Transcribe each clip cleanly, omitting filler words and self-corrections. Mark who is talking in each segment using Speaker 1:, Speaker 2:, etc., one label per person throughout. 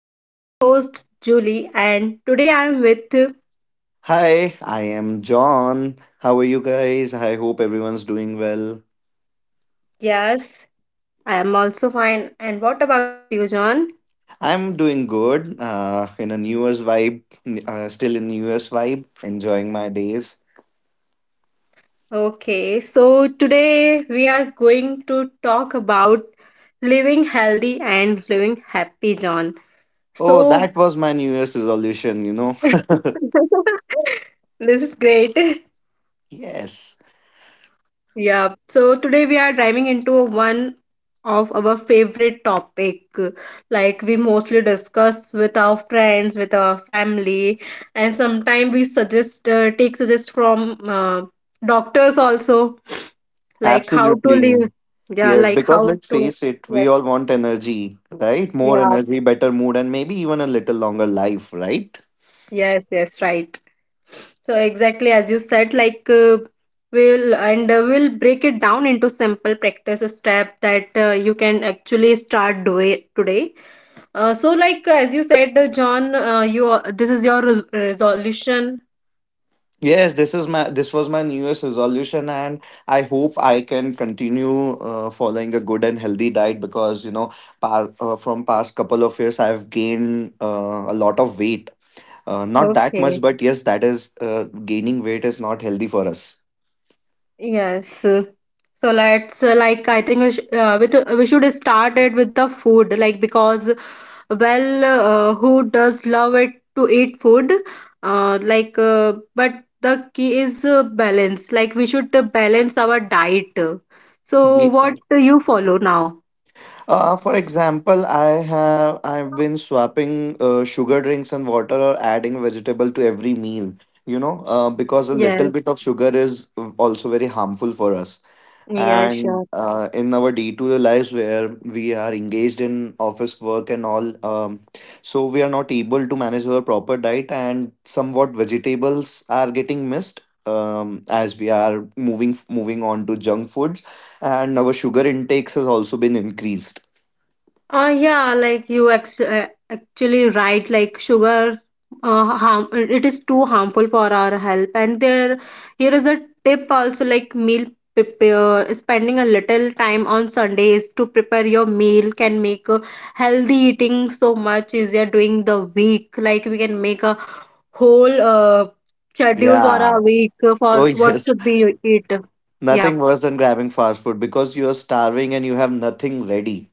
Speaker 1: I'm your host, Julie, and today I'm with.
Speaker 2: Hi, I am John. How are you guys? I hope everyone's doing well.
Speaker 1: Yes, I am also fine. And what about you, John?
Speaker 2: I'm doing good. In a New Year's vibe, still in New Year's vibe, enjoying my days.
Speaker 1: Okay, so today we are going to talk about living healthy and living happy, John.
Speaker 2: Oh,
Speaker 1: So,
Speaker 2: that was my New Year's resolution, you know?
Speaker 1: this is great.
Speaker 2: Yes,
Speaker 1: Yeah, so today we are diving into one of our favorite topic, like we mostly discuss with our friends, with our family, and sometimes we suggest take suggest from doctors also, like how to live.
Speaker 2: absolutely.
Speaker 1: Yeah,
Speaker 2: Yes,
Speaker 1: like
Speaker 2: because
Speaker 1: how
Speaker 2: let's
Speaker 1: to.
Speaker 2: face it, we
Speaker 1: Yes,
Speaker 2: all want energy, right? More
Speaker 1: yeah.
Speaker 2: energy, better mood, and maybe even a little longer life, right?
Speaker 1: Yes, yes, right. So exactly as you said, like we'll, and we'll break it down into simple practice step that you can actually start doing today. So like as you said, John, this is your resolution.
Speaker 2: Yes, this was my New Year's resolution, and I hope I can continue following a good and healthy diet because from past couple of years I've gained a lot of weight. Not that much,
Speaker 1: Okay.
Speaker 2: but yes, that is gaining weight is not healthy for us.
Speaker 1: Yes. So let's like I think we should start it with the food, like because, well, who does love it to eat food? But the key is balance. Like, we should balance our diet. So,
Speaker 2: Ye-
Speaker 1: what
Speaker 2: uh,
Speaker 1: do you follow now?
Speaker 2: for example, I've been swapping sugar drinks and water or adding vegetable to every meal. You know, because a little bit
Speaker 1: Yes.
Speaker 2: of sugar is also very harmful for us.
Speaker 1: Yeah,
Speaker 2: And
Speaker 1: sure.
Speaker 2: in our day-to-day lives where we are engaged in office work and all, so we are not able to manage our proper diet, and somewhat vegetables are getting missed as we are moving on to junk foods, and our sugar intakes has also been increased.
Speaker 1: Yeah, like actually right, like sugar, harm it is too harmful for our health. And there, here is a tip also, like meal prepare, spending a little time on Sundays to prepare your meal can make healthy eating so much easier during the week. Like we can make a whole schedule for
Speaker 2: Yeah.
Speaker 1: a week for
Speaker 2: Oh,
Speaker 1: what
Speaker 2: yes.
Speaker 1: should be eat. Yeah,
Speaker 2: Nothing worse than grabbing fast food because you're starving and you have nothing ready.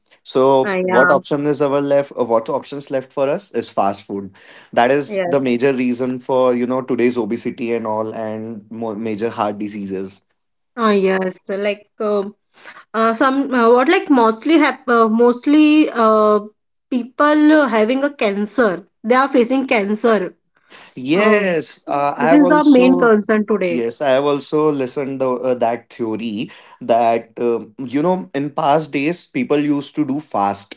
Speaker 2: So what
Speaker 1: yeah,
Speaker 2: option is our left, or what options left for us is fast food. That is the
Speaker 1: yes.
Speaker 2: major reason for, you know, today's obesity and all and more major heart diseases.
Speaker 1: Ah yes, like some what like mostly hap- mostly people having a cancer. They are facing cancer. Uh,
Speaker 2: Yes, uh, I
Speaker 1: this
Speaker 2: have
Speaker 1: is the main
Speaker 2: also
Speaker 1: concern today.
Speaker 2: yes, I have also listened the, that theory that you know in past days people used to do fast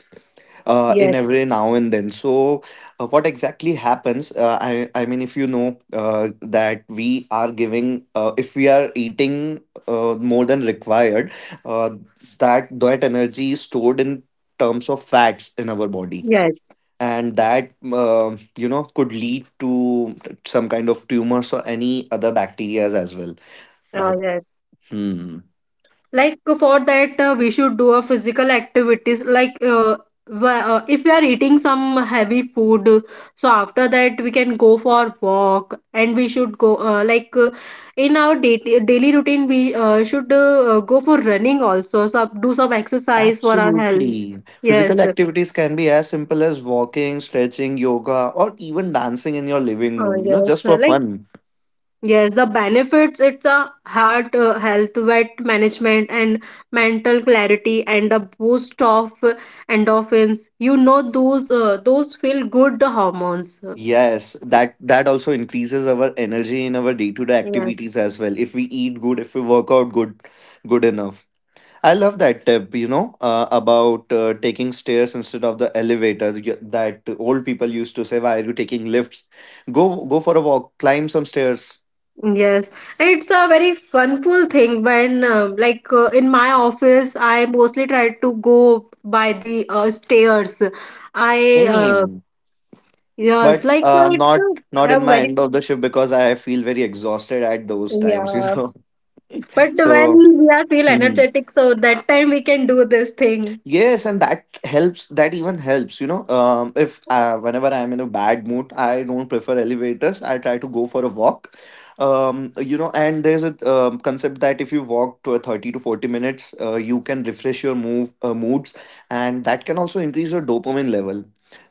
Speaker 2: in
Speaker 1: Yes.
Speaker 2: every now and then. So, what exactly happens? I mean, if you know that we are if we are eating more than required, uh, that energy is stored in terms of fats in our body.
Speaker 1: Yes.
Speaker 2: And that, you know, could lead to some kind of tumors or any other bacteria as well.
Speaker 1: Uh,
Speaker 2: That
Speaker 1: yes.
Speaker 2: hmm.
Speaker 1: Like for that we should do a physical activities, like if we are eating some heavy food, so after that we can go for walk, and we should go in our daily routine we should go for running also, so do some exercise for our health.
Speaker 2: Absolutely. Physical
Speaker 1: Yes.
Speaker 2: activities can be as simple as walking, stretching, yoga, or even dancing in your living
Speaker 1: uh,
Speaker 2: room, you know,
Speaker 1: yes
Speaker 2: just for
Speaker 1: like
Speaker 2: fun.
Speaker 1: yes, the benefits, it's a heart health, weight management, and mental clarity, and a boost of endorphins. You know, those feel good hormones.
Speaker 2: Yes, that also increases our energy in our day-to-day
Speaker 1: Yes,
Speaker 2: activities as well. If we eat good, if we work out good, good enough. I love that tip, you know, about taking stairs instead of the elevator, that old people used to say, why are you taking lifts? Go for a walk, climb some stairs.
Speaker 1: yes, it's a very funful thing. When in my office, I mostly try to go by the stairs. I
Speaker 2: Same.
Speaker 1: yes,
Speaker 2: But
Speaker 1: like it's
Speaker 2: not, not in
Speaker 1: a
Speaker 2: my
Speaker 1: very.
Speaker 2: end of the shift because I feel very exhausted at those times, you
Speaker 1: Yeah.
Speaker 2: know.
Speaker 1: But
Speaker 2: So
Speaker 1: when we are feel
Speaker 2: mhm.
Speaker 1: energetic, so that time we can do this thing.
Speaker 2: Yes, and that helps. That even helps, you know. If Whenever I'm in a bad mood, I don't prefer elevators. I try to go for a walk. You know, and there's a concept that if you walk to a 30 to 40 minutes, you can refresh your move moods, and that can also increase your dopamine level.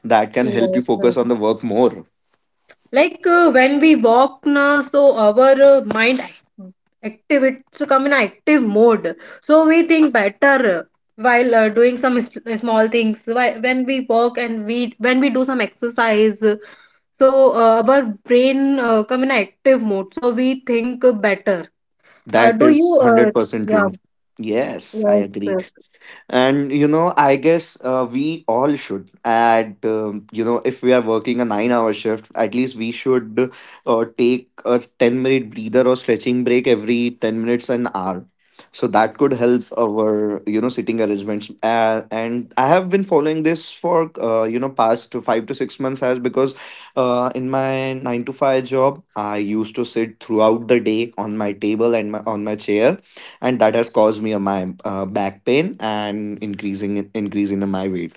Speaker 2: That can help you
Speaker 1: Yes. uh,
Speaker 2: focus on the work more.
Speaker 1: Like uh, when we walk na, so our mind active, it's come in active mode. So we think better while doing some small things. When we walk and we when we do some exercise, so our brain come in active mode. So we think better.
Speaker 2: That
Speaker 1: Do you?
Speaker 2: is 100%
Speaker 1: Yeah.
Speaker 2: true. Yes, I
Speaker 1: Yes.
Speaker 2: agree, and you know, I guess we all should at you know, if we are working a 9-hour shift, at least we should take a 10-minute breather or stretching break every 10 minutes an hour, so that could help our, you know, sitting arrangements. And I have been following this for, you know, past 5 to 6 months, as because in my 9 to 5 job I used to sit throughout the day on my table and on my chair, and that has caused me a, my back pain and increasing increase in my weight,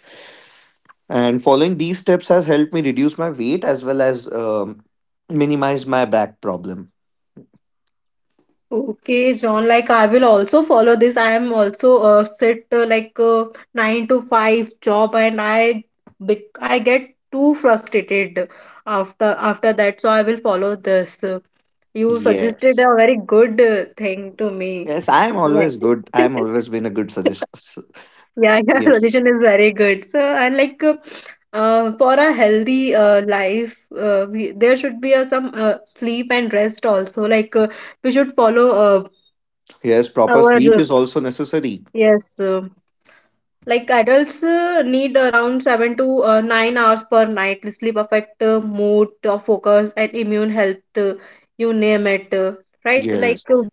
Speaker 2: and following these steps has helped me reduce my weight as well as minimize my back problem.
Speaker 1: Okay, John, like I will also follow this. I am also sit like 9 to 5 job, and I get too frustrated after that. So I will follow this. You suggested
Speaker 2: Yes.
Speaker 1: a very good thing to me.
Speaker 2: Yes, I am
Speaker 1: Like
Speaker 2: always good. I am always been a good suggest.
Speaker 1: yeah, your
Speaker 2: Yes.
Speaker 1: suggestion is very good. So, and for a healthy life, there should be some sleep and rest also. We should follow
Speaker 2: Yes, proper
Speaker 1: our
Speaker 2: sleep is also necessary.
Speaker 1: yes, like adults need around seven to 9 hours per night. Sleep affect mood, focus, and immune health. You name it, right?
Speaker 2: Yes,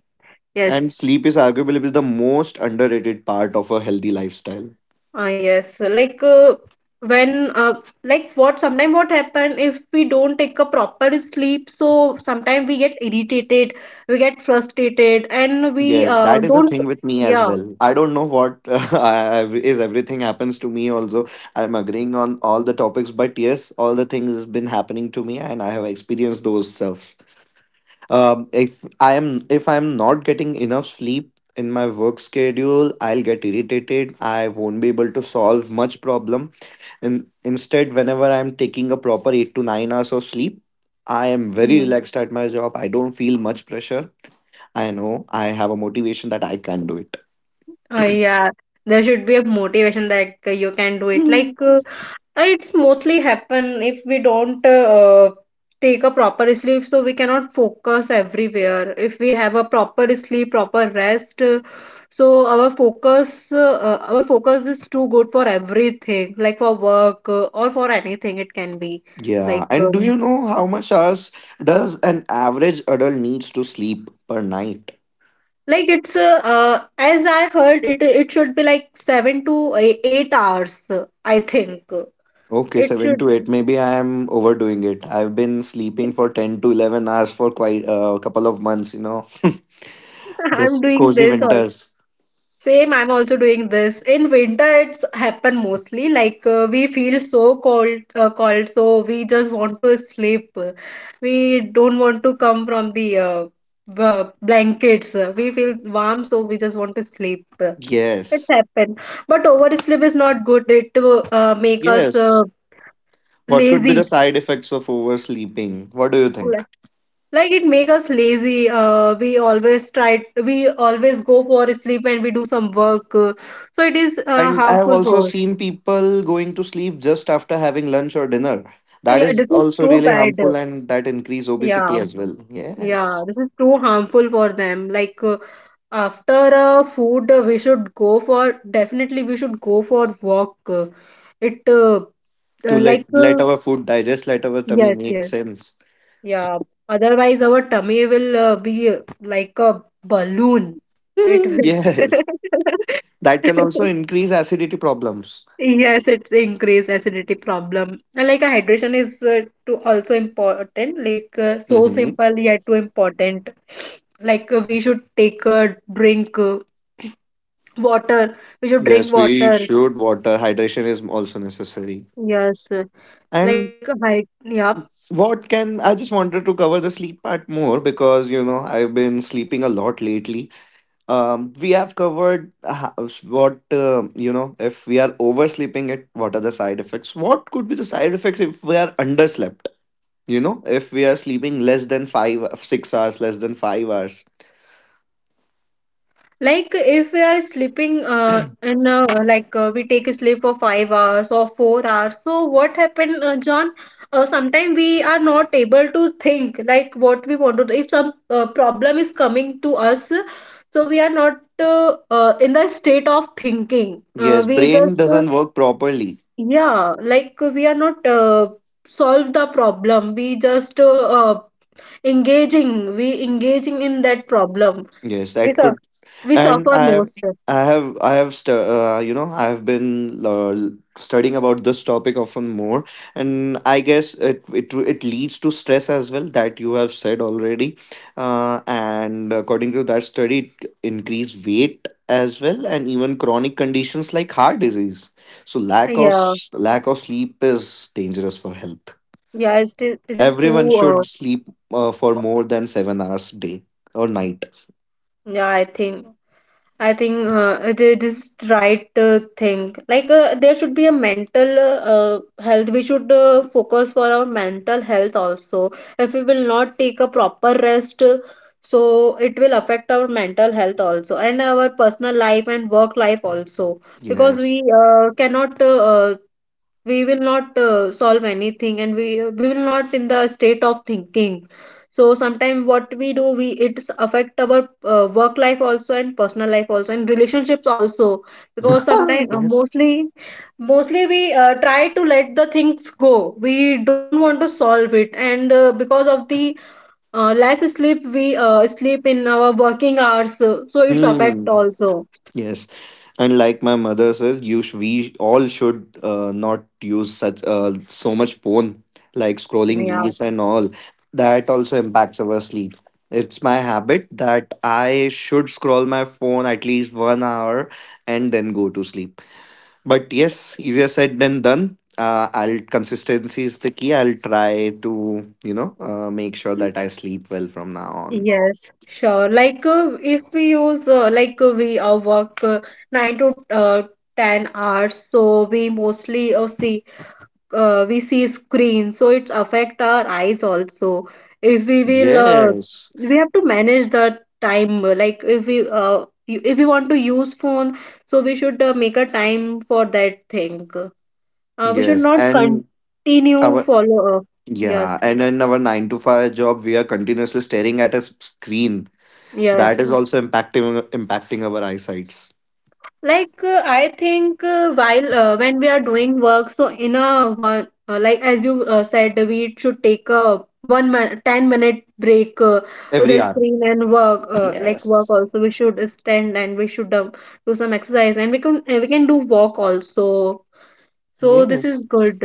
Speaker 2: and
Speaker 1: Yes,
Speaker 2: sleep is arguably the most underrated part of a healthy lifestyle.
Speaker 1: yes. Like when what sometimes what happen if we don't take a proper sleep? So sometimes we get irritated, we get frustrated, and we
Speaker 2: Yes,
Speaker 1: uh,
Speaker 2: that is a
Speaker 1: don't.
Speaker 2: thing with me as
Speaker 1: Yeah.
Speaker 2: well. I don't know what I- is everything happens to me. Also, I'm agreeing on all the topics, but yes, all the things has been happening to me, and I have experienced those stuff. If I'm not getting enough sleep in my work schedule, I'll get irritated. I won't be able to solve much problem. And instead, whenever I'm taking a proper 8 to 9 hours of sleep, I am very
Speaker 1: Mm-hmm.
Speaker 2: relaxed at my job. I don't feel much pressure. I know I have a motivation that I can do it.
Speaker 1: Oh yeah, there should be a motivation that you can do it.
Speaker 2: Mm.
Speaker 1: It's mostly happen if we don't take a proper sleep, so we cannot focus everywhere. If we have a proper sleep, proper rest, so our focus is too good for everything, like for work or for anything. It can be
Speaker 2: Yeah,
Speaker 1: like.
Speaker 2: and do you know how much hours does an average adult needs to sleep per night?
Speaker 1: Like it's as I heard it, it should be like seven to 8 hours, I think
Speaker 2: Okay,
Speaker 1: it
Speaker 2: seven
Speaker 1: should.
Speaker 2: to eight. Maybe I am overdoing it. I've been sleeping for 10 to 11 hours for quite a couple of months. You know,
Speaker 1: I'm
Speaker 2: this
Speaker 1: doing
Speaker 2: cozy
Speaker 1: this all.
Speaker 2: winters.
Speaker 1: Same, I'm also doing this. In winter, it's happen mostly. Like we feel so cold, cold, so we just want to sleep. We don't want to come from the blankets. We feel warm, so we just want to sleep. It
Speaker 2: Yes,
Speaker 1: happen, but oversleep is not good. It will make us
Speaker 2: yes. What could be the
Speaker 1: lazy.
Speaker 2: side effects of oversleeping? What do you think?
Speaker 1: Like it make us lazy. We always go for a sleep, and we do some work, so it is
Speaker 2: And I have
Speaker 1: harmful
Speaker 2: also
Speaker 1: for.
Speaker 2: seen people going to sleep just after having lunch or dinner. That
Speaker 1: Yeah,
Speaker 2: is
Speaker 1: this is
Speaker 2: also
Speaker 1: too
Speaker 2: really
Speaker 1: bad.
Speaker 2: harmful, and that increase obesity
Speaker 1: Yeah,
Speaker 2: as well.
Speaker 1: yeah,
Speaker 2: Yes.
Speaker 1: this is too harmful for them. After food, we should go for, definitely we should go for walk, it
Speaker 2: To
Speaker 1: like
Speaker 2: let our food digest, let our tummy
Speaker 1: yes
Speaker 2: make
Speaker 1: yes.
Speaker 2: sense.
Speaker 1: Yeah, otherwise our tummy will be like a balloon. It will.
Speaker 2: Yes. That can also increase acidity problems.
Speaker 1: Yes, it's increased acidity problem. And like, a hydration is too also important. Like so
Speaker 2: Hmm.
Speaker 1: simple yet too important. Like we should take a drink water. We should drink
Speaker 2: Yes, we
Speaker 1: water.
Speaker 2: should water. Hydration is also necessary.
Speaker 1: Yes, like
Speaker 2: And
Speaker 1: uh, hy yeah,
Speaker 2: what can I just wanted to cover the sleep part more, because you know I've been sleeping a lot lately. We have covered ho- what you know, if we are oversleeping, it what are the side effects, what could be the side effects if we are underslept, you know, if we are sleeping less than 5 6 hours, less than 5 hours.
Speaker 1: like if we are sleeping in like we take a sleep for 5 hours or 4 hours. So what happened, John? Sometimes we are not able to think like what we want to do. If some problem is coming to us, so we are not in the state of thinking.
Speaker 2: Yes,
Speaker 1: We
Speaker 2: brain
Speaker 1: just
Speaker 2: doesn't work properly.
Speaker 1: yeah, like we are not solve the problem. We just engaging. We engaging in that problem.
Speaker 2: Yes,
Speaker 1: We
Speaker 2: that
Speaker 1: suffer.
Speaker 2: could.
Speaker 1: We
Speaker 2: And
Speaker 1: suffer most.
Speaker 2: I have, stu- You know, I have been studying about this topic often more, and I guess it leads to stress as well, that you have said already, and according to that study, it increase weight as well, and even chronic conditions like heart disease. So
Speaker 1: Yeah,
Speaker 2: lack of sleep is dangerous for health.
Speaker 1: yeah, it's, thi- this is
Speaker 2: Everyone
Speaker 1: too, uh,
Speaker 2: should sleep for more than 7 hours day or night.
Speaker 1: yeah, I think it is, this is right thing. Like, there should be a mental health. We should focus for our mental health also. If we will not take a proper rest, so it will affect our mental health also, and our personal life and work life also, because
Speaker 2: Yes.
Speaker 1: we cannot we will not solve anything, and we will not in the state of thinking. So sometimes what we do, we, it's affect our work life also, and personal life also, and relationships also, because sometimes
Speaker 2: Yes.
Speaker 1: mostly we try to let the things go. We don't want to solve it, and because of the less sleep, we sleep in our working hours, so it's affect
Speaker 2: Hmm.
Speaker 1: also.
Speaker 2: Yes. And like my mother says, we all should not use such so much phone, like scrolling
Speaker 1: Yeah.
Speaker 2: reels and all. That also impacts our sleep. It's my habit that I should scroll my phone at least 1 hour and then go to sleep. But yes, easier said than done. I'll Consistency is the key. I'll try to, you know, make sure that I sleep well from now on.
Speaker 1: Yes, sure. If we use like we work nine to 10 hours, so we mostly see we see screen, so it's affect our eyes also. If we will,
Speaker 2: Yes,
Speaker 1: we have to manage the time. Like if if we want to use phone, so we should make a time for that thing. We should
Speaker 2: yes,
Speaker 1: not
Speaker 2: and
Speaker 1: continue
Speaker 2: our.
Speaker 1: follow.
Speaker 2: Yeah,
Speaker 1: Yes,
Speaker 2: and in our 9 to 5 job, we are continuously staring at a screen. That
Speaker 1: yes.
Speaker 2: is also impacting our eyesights
Speaker 1: Like I think while when we are doing work, so in a one like as you said, we should take a 10-minute break with
Speaker 2: every
Speaker 1: the
Speaker 2: hour.
Speaker 1: screen and work, work
Speaker 2: Yes.
Speaker 1: also we should stand, and we should do some exercise, and we can do walk also, so this is
Speaker 2: Yes.
Speaker 1: good.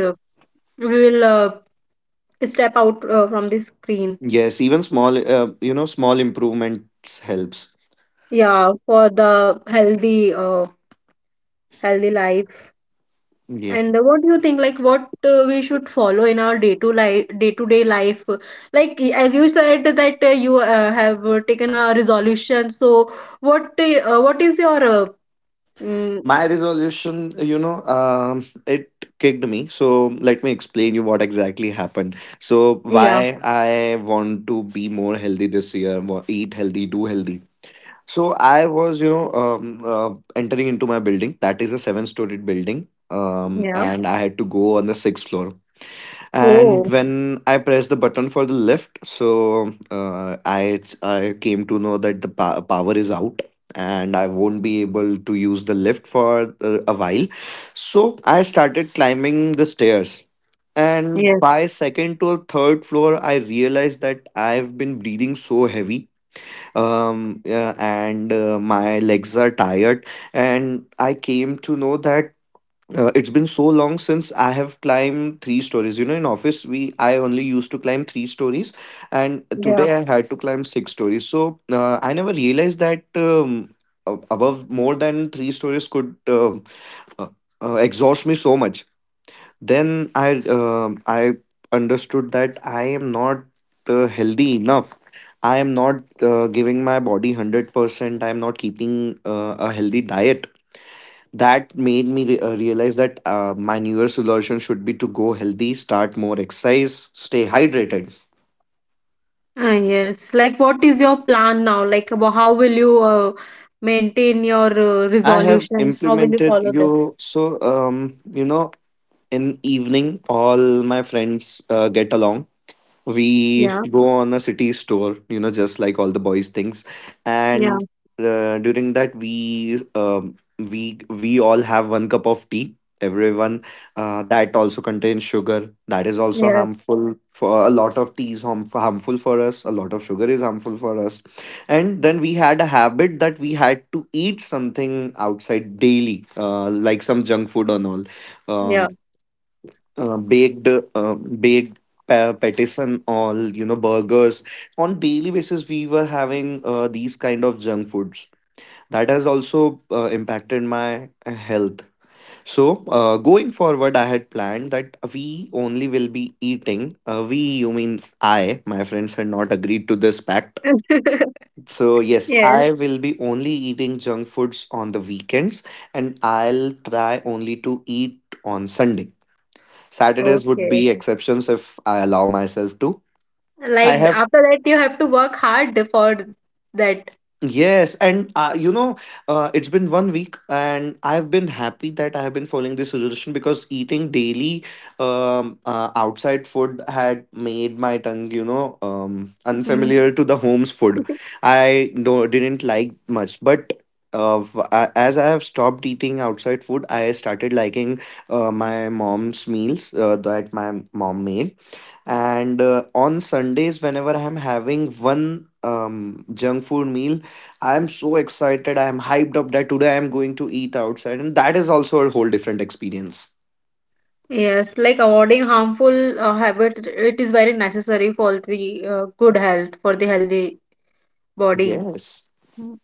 Speaker 1: We will step out from the screen.
Speaker 2: Yes, even small, you know, small improvements helps.
Speaker 1: Yeah, for the healthy healthy life.
Speaker 2: Yep.
Speaker 1: And what do you think, like, what we should follow in our day to life, day to day life? Like, as you said that you have taken a resolution. So, what is your mm,
Speaker 2: My resolution, you know, it kicked me. So let me explain you what exactly happened. So
Speaker 1: yeah,
Speaker 2: why I want to be more healthy this year, eat healthy, do healthy. So I was, you know, entering into my building. That is a 7-story building,
Speaker 1: yeah.
Speaker 2: and I had to go on the 6th floor. And
Speaker 1: Oh,
Speaker 2: when I pressed the button for the lift, so I came to know that the pa- power is out, and I won't be able to use the lift for a while. So I started climbing the stairs. And
Speaker 1: yes,
Speaker 2: by second to third floor, I realized that I've been breathing so heavy, yeah, and my legs are tired. And I came to know that it's been so long since I have climbed three stories. You know, in office we I only used to climb three stories, and
Speaker 1: yeah,
Speaker 2: today I had to climb six stories. So I never realized that above more than three stories could uh, exhaust me so much. Then I understood that I am not healthy enough. I am not giving my body 100%. I am not keeping a healthy diet. That made me realize that my New Year's resolution should be to go healthy, start more exercise, stay hydrated.
Speaker 1: yes. Like, what is your plan now? Like, about how will you maintain your
Speaker 2: I have
Speaker 1: resolution? How will you
Speaker 2: implemented
Speaker 1: follow this?
Speaker 2: you. So, you know, in evening all my friends get along. We
Speaker 1: Yeah,
Speaker 2: go on a city store, just like all the boys things.
Speaker 1: yeah,
Speaker 2: And during that we all have one cup of tea, everyone. That also contains sugar, that is also
Speaker 1: yes,
Speaker 2: harmful for... a lot of tea is harmful for us, a lot of sugar is harmful for us. And then we had a habit that we had to eat something outside daily, like some junk food and all.
Speaker 1: yeah.
Speaker 2: um, Baked, patties and all, you know, burgers. On daily basis we were having these kind of junk foods, that has also impacted my health. So going forward, I had planned that we only will be eating, we, you mean I, my friends had not agreed to this pact. So yes,
Speaker 1: Yes.
Speaker 2: I will be only eating junk foods on the weekends, and I'll try only to eat on Sunday. Saturdays would
Speaker 1: Okay.
Speaker 2: be exceptions if I allow myself to. I
Speaker 1: Like
Speaker 2: have,
Speaker 1: after that, you have to work hard for that.
Speaker 2: yes. And, you know, it's been one week and I've been happy that I have been following this resolution, because eating daily, outside food had made my tongue, you know,
Speaker 1: Mhm.
Speaker 2: unfamiliar to the home's food. I do didn't like much. But as I have stopped eating outside food, I started liking my mom's meals, that my mom made. And on Sundays, whenever I'm having one junk food meal, I'm so excited, I'm hyped up that today I'm going to eat outside, and that is also a whole different experience.
Speaker 1: Yes, like avoiding harmful habits, it is very necessary for the good health, for the healthy body.
Speaker 2: Yes,
Speaker 1: Mm.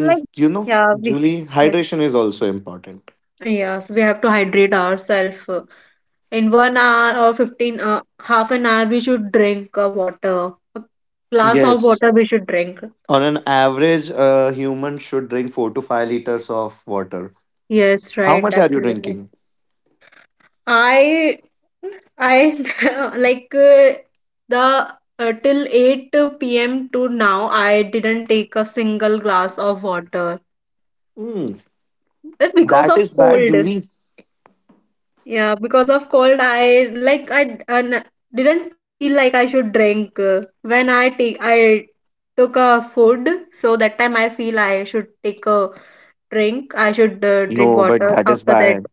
Speaker 1: Like,
Speaker 2: you know,
Speaker 1: yeah, we,
Speaker 2: Julie,
Speaker 1: yes.
Speaker 2: hydration is also important.
Speaker 1: Yes, we have to hydrate ourselves. In 1 hour or 15, half an hour, we should drink water. A glass of
Speaker 2: Yes,
Speaker 1: water we should drink.
Speaker 2: on an average, a human should drink 4 to 5 liters of water.
Speaker 1: Yes,
Speaker 2: How
Speaker 1: right,
Speaker 2: much are you
Speaker 1: absolutely.
Speaker 2: drinking?
Speaker 1: I I like the till 8 p.m. to now I didn't take a single glass of water.
Speaker 2: Hmm,
Speaker 1: It's because
Speaker 2: that
Speaker 1: of
Speaker 2: is bad,
Speaker 1: cold.
Speaker 2: Julie.
Speaker 1: Yeah, because of cold, I didn't feel like I should drink when I took a food, so that time I feel I should take a drink. I should drink
Speaker 2: No, but
Speaker 1: water
Speaker 2: that is
Speaker 1: after that.
Speaker 2: bad.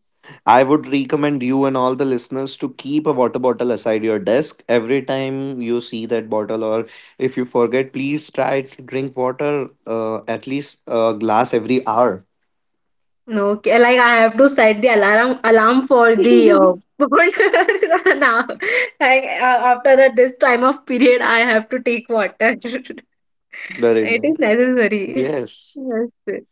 Speaker 2: I would recommend you and all the listeners to keep a water bottle aside your desk. Every time you see that bottle, or if you forget, please try to drink water, at least a glass every hour.
Speaker 1: Okay, like I have to set the alarm for the
Speaker 2: Very
Speaker 1: now. Like after that, this time of period, I have to take water. It is
Speaker 2: nice.
Speaker 1: necessary.
Speaker 2: Yes.
Speaker 1: Yes,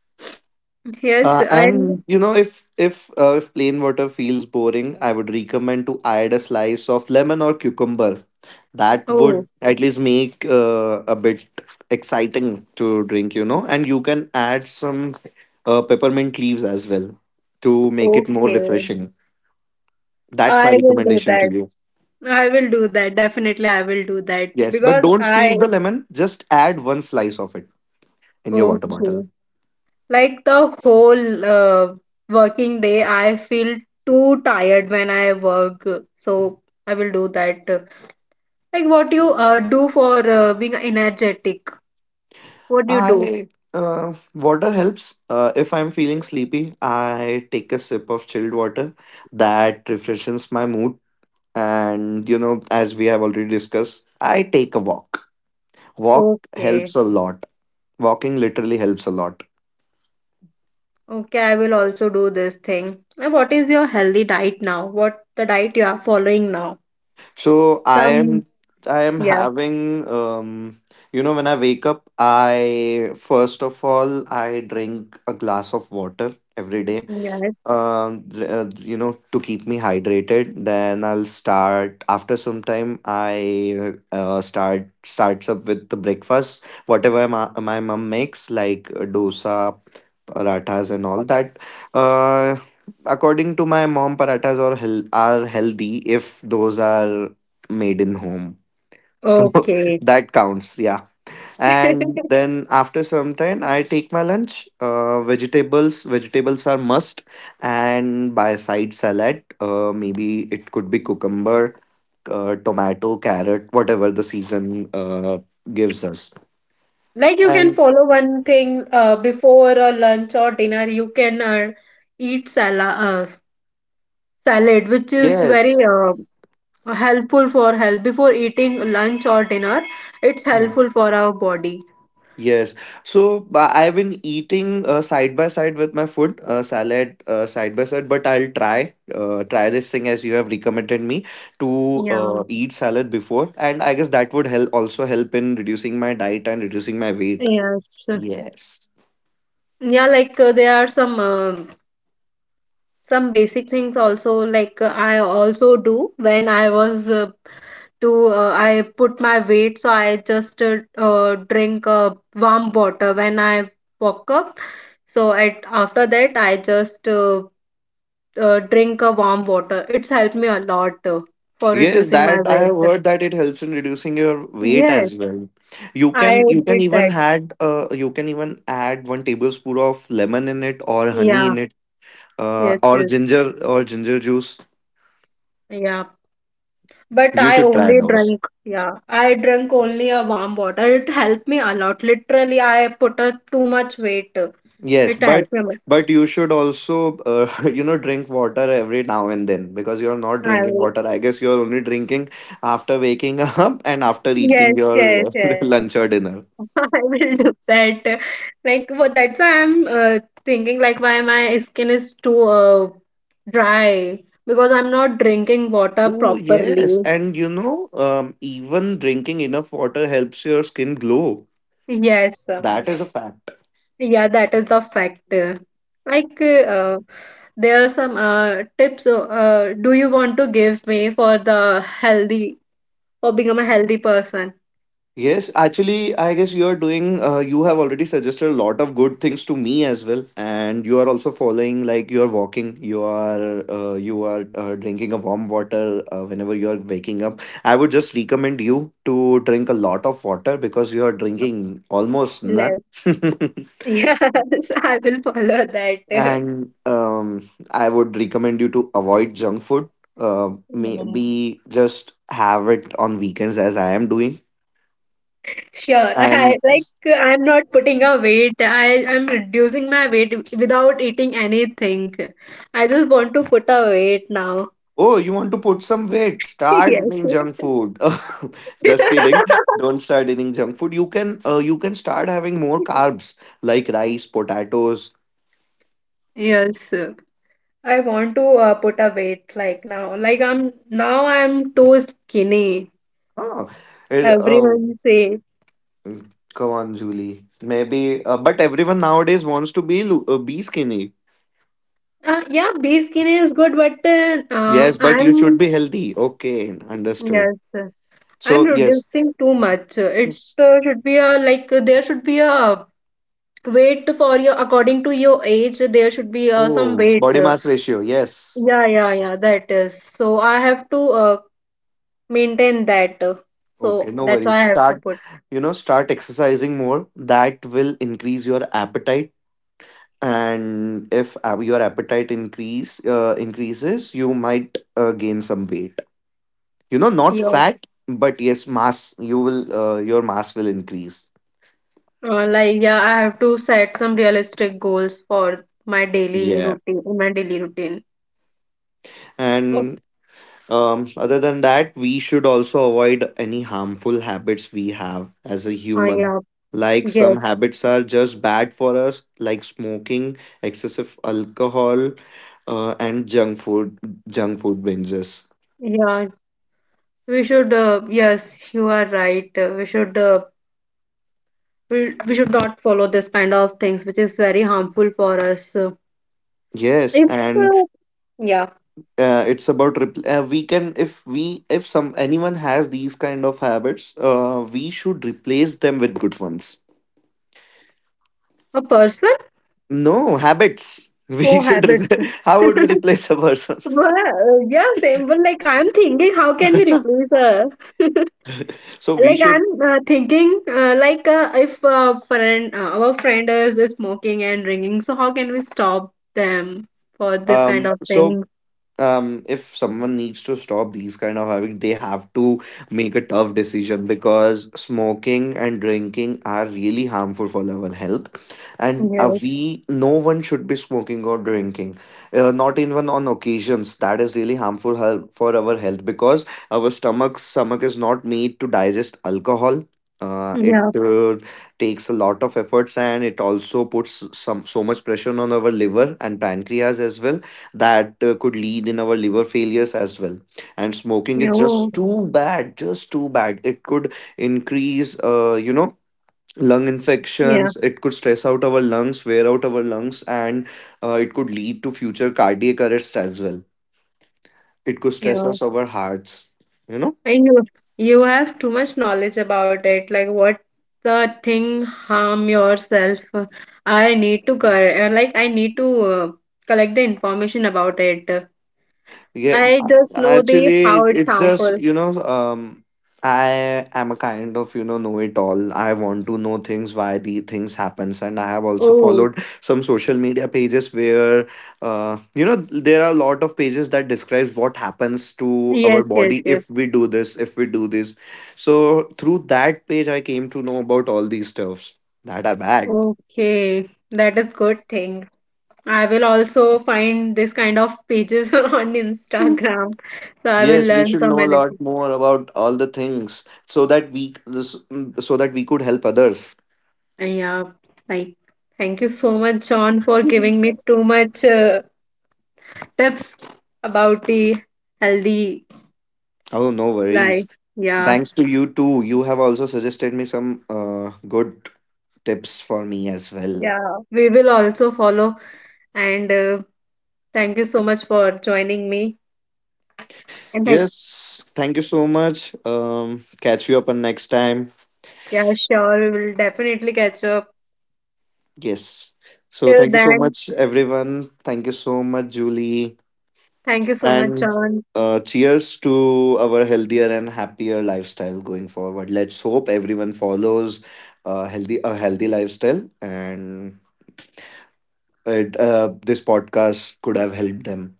Speaker 1: yes, and
Speaker 2: And you know, if plain water feels boring, I would recommend to add a slice of lemon or cucumber. That
Speaker 1: oh,
Speaker 2: would at least make a bit exciting to drink, you know, and you can add some peppermint leaves as well, to make it more
Speaker 1: okay.
Speaker 2: refreshing. That's
Speaker 1: I
Speaker 2: my
Speaker 1: will do
Speaker 2: recommendation
Speaker 1: that.
Speaker 2: to you.
Speaker 1: I will do that. Definitely, I will do that
Speaker 2: Yes, but
Speaker 1: because
Speaker 2: don't
Speaker 1: I
Speaker 2: squeeze the lemon, just add one slice of it in your water
Speaker 1: okay.
Speaker 2: bottle.
Speaker 1: Like the whole working day, I feel too tired when I work. So I will do that. Like what you do for being energetic? What do you do?
Speaker 2: I... water helps. If I'm feeling sleepy, I take a sip of chilled water. That refreshes my mood. And you know, as we have already discussed, I take a walk. Walk
Speaker 1: Okay.
Speaker 2: helps a lot. Walking literally helps a lot.
Speaker 1: Okay, I will also do this thing. And what is your healthy diet now? What the diet you are following now?
Speaker 2: So i am
Speaker 1: Some,
Speaker 2: i am
Speaker 1: yeah,
Speaker 2: having, you know, when I wake up, I first of all I drink a glass of water every day,
Speaker 1: yes.
Speaker 2: you know, to keep me hydrated. Then I'll start after some time, I starts up with the breakfast, whatever my mom makes, like dosa, parathas and all that. uh According to my mom, are healthy if those are made in home. So
Speaker 1: Okay.
Speaker 2: that counts, yeah. And then after some time, I take my lunch. Vegetables are must, and by side salad, maybe it could be cucumber, tomato, carrot, whatever the season gives us.
Speaker 1: Like you can
Speaker 2: And
Speaker 1: follow one thing before a lunch or dinner, you can eat salad, salad, which is very
Speaker 2: yes.
Speaker 1: helpful for health. Before eating lunch or dinner, it's
Speaker 2: Hmm.
Speaker 1: helpful for our body.
Speaker 2: Yes. So I've been eating, side by side with my food, salad side by side, but I'll try, this thing as you have recommended me to
Speaker 1: Yeah,
Speaker 2: eat salad before, and I guess that would help, also help in reducing my diet and reducing my weight.
Speaker 1: yes.
Speaker 2: Yes.
Speaker 1: Yeah, like there are some basic things also like I also do when I was to I put my weight so I just drink warm water when I woke up. So at after that I just drink a warm water. It's helped me a lot for
Speaker 2: Yes,
Speaker 1: reducing my
Speaker 2: that I have
Speaker 1: weight.
Speaker 2: heard that it helps in reducing your weight as
Speaker 1: Yes,
Speaker 2: well. You
Speaker 1: I
Speaker 2: can you can
Speaker 1: did
Speaker 2: even
Speaker 1: that.
Speaker 2: add, one tablespoon of lemon in it, or honey
Speaker 1: Yeah,
Speaker 2: in it,
Speaker 1: yes,
Speaker 2: or
Speaker 1: yes.
Speaker 2: ginger, or ginger juice.
Speaker 1: Yeah, but
Speaker 2: You
Speaker 1: I
Speaker 2: should try
Speaker 1: only
Speaker 2: those.
Speaker 1: drank, yeah, I drank only a warm water. It helped me a lot. Literally, I put a too much weight. It
Speaker 2: Yes, but
Speaker 1: helped me.
Speaker 2: but you should also you know, drink water every now and then, because you're not drinking
Speaker 1: I,
Speaker 2: water. I guess you're only drinking after waking up and after eating
Speaker 1: yes, yes,
Speaker 2: your
Speaker 1: yes.
Speaker 2: lunch or dinner.
Speaker 1: I will do that. Like, well, that's why I'm thinking, like, why my skin is too dry because I'm not drinking water
Speaker 2: Oh yes,
Speaker 1: properly.
Speaker 2: and you know, even drinking enough water helps your skin glow.
Speaker 1: Yes,
Speaker 2: That is a fact.
Speaker 1: yeah, that is the factor. Like, there are some tips. Do you want to give me for the healthy for become a healthy person?
Speaker 2: Yes, actually, I guess you are doing, you have already suggested a lot of good things to me as well. And you are also following, like, you are walking, you are drinking a warm water, whenever you are waking up. I would just recommend you to drink a lot of water, because you are drinking almost
Speaker 1: Yes.
Speaker 2: none.
Speaker 1: Yes, I will follow that.
Speaker 2: And I would recommend you to avoid junk food. Maybe just have it on weekends as I am doing.
Speaker 1: Sure. I
Speaker 2: And...
Speaker 1: like I'm not putting a weight. I'm reducing my weight without eating anything. I just want to put a weight now.
Speaker 2: oh, you want to put some weight? Start
Speaker 1: Yes.
Speaker 2: eating junk food. Just kidding. Don't start eating junk food. You can start having more carbs, like rice, potatoes.
Speaker 1: Yes. I want to put a weight like now. Like I'm now I'm too skinny.
Speaker 2: Huh. It, uh,
Speaker 1: Everyone say,
Speaker 2: Come on, Julie. Maybe, but everyone nowadays wants to be skinny.
Speaker 1: yeah, be skinny is good, but
Speaker 2: Yes, but you should
Speaker 1: I'm
Speaker 2: be healthy. Okay, understood.
Speaker 1: yes, I'm
Speaker 2: So yes,
Speaker 1: reducing too much. It
Speaker 2: yes.
Speaker 1: should be a like there should be a weight for your according to your age, there should be some
Speaker 2: Oh,
Speaker 1: weight.
Speaker 2: body mass ratio. Yes.
Speaker 1: Yeah, yeah, yeah, that is. So I have to maintain that. So
Speaker 2: Okay, no
Speaker 1: that's
Speaker 2: worries.
Speaker 1: why I have to
Speaker 2: Start,
Speaker 1: put
Speaker 2: you know, start exercising more. That will increase your appetite. And if your appetite increases, you might gain some weight. You know, not
Speaker 1: yeah,
Speaker 2: fat, but yes, mass. Your mass will increase.
Speaker 1: like yeah, I have to set some realistic goals for my daily
Speaker 2: Yeah.
Speaker 1: routine, my daily routine. Oh.
Speaker 2: And other than that, we should also avoid any harmful habits we have as a human.
Speaker 1: Yeah,
Speaker 2: Like some
Speaker 1: yes,
Speaker 2: habits are just bad for us, like smoking, excessive alcohol, and junk food binges.
Speaker 1: yeah. We should yes, you are right. We should we should not follow this kind of things, which is very harmful for us.
Speaker 2: Yes,
Speaker 1: If
Speaker 2: and
Speaker 1: uh, yeah,
Speaker 2: we can, if we, if some, anyone has these kind of habits, we should replace them with good ones.
Speaker 1: a person
Speaker 2: No habits. We
Speaker 1: oh,
Speaker 2: should.
Speaker 1: habits.
Speaker 2: Replace. How would we replace a person?
Speaker 1: Well, yeah, same. But like, I'm thinking, how can we replace her?
Speaker 2: So we
Speaker 1: Like,
Speaker 2: should,
Speaker 1: I'm thinking, like, if friend, our friend is smoking and drinking, so how can we stop them for this kind
Speaker 2: um
Speaker 1: of
Speaker 2: so
Speaker 1: thing?
Speaker 2: if someone needs to stop these kind of habit, they have to make a tough decision, because smoking and drinking are really harmful for our health. And
Speaker 1: Yes.
Speaker 2: we no one should be smoking or drinking, not even on occasions. That is really harmful, for our health, because our stomach is not made to digest alcohol. It
Speaker 1: Yeah.
Speaker 2: takes a lot of efforts, and it also puts some so much pressure on our liver and pancreas as well, that could lead in our liver failures as well. And smoking
Speaker 1: Yeah.
Speaker 2: is
Speaker 1: Oh,
Speaker 2: just too bad, just too bad. It could increase, you know, lung
Speaker 1: yeah.
Speaker 2: infections. It could stress out our lungs, wear out our lungs. And it could lead to future cardiac arrests as well. It could stress
Speaker 1: Yeah.
Speaker 2: us, our hearts, you know.
Speaker 1: I know you have too much knowledge about it. Like what the thing harm yourself. I need to like I need to collect the information about it.
Speaker 2: Yeah,
Speaker 1: I just know the how
Speaker 2: actually,
Speaker 1: it's
Speaker 2: it's just,
Speaker 1: harmful.
Speaker 2: you know, I am a kind of, you know it all. I want to know things, why the things happens. And I have also
Speaker 1: Oh,
Speaker 2: followed some social media pages where, you know, there are a lot of pages that describes what happens to
Speaker 1: yes,
Speaker 2: our
Speaker 1: yes,
Speaker 2: body
Speaker 1: yes.
Speaker 2: if we do this, if we do this. So through that page, I came to know about all these stuffs that are bad.
Speaker 1: Okay, that is good thing. I will also find this kind of pages on Instagram, so I will
Speaker 2: Yes, we
Speaker 1: learn
Speaker 2: should
Speaker 1: so
Speaker 2: know a
Speaker 1: many
Speaker 2: lot
Speaker 1: things.
Speaker 2: more about all the things, so that we, this, so that we could help others.
Speaker 1: Yeah, like thank you so much, John, for
Speaker 2: Mhm.
Speaker 1: giving me too much. Tips about the healthy
Speaker 2: Oh, no
Speaker 1: life.
Speaker 2: worries.
Speaker 1: Yeah,
Speaker 2: Thanks to you too. You have also suggested me some good tips for me as well.
Speaker 1: yeah. We will also follow. And thank you so much for joining me. And thank
Speaker 2: Yes, thank you so much. Catch you up on next time.
Speaker 1: yeah, sure. We will definitely catch up.
Speaker 2: Yes. So
Speaker 1: Till
Speaker 2: thank you so
Speaker 1: then,
Speaker 2: much, everyone. Thank you so much, Julie.
Speaker 1: thank you so much,
Speaker 2: And
Speaker 1: John.
Speaker 2: cheers to our healthier and happier lifestyle going forward. Let's hope everyone follows a healthy lifestyle, and this podcast could have helped them.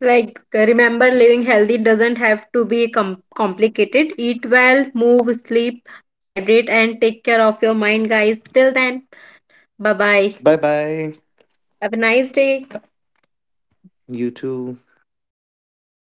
Speaker 1: Like, remember, living healthy doesn't have to be complicated. Eat well, move, sleep, hydrate, and take care of your mind, guys. Till then, bye bye.
Speaker 2: Bye bye.
Speaker 1: Have a nice day.
Speaker 2: You too.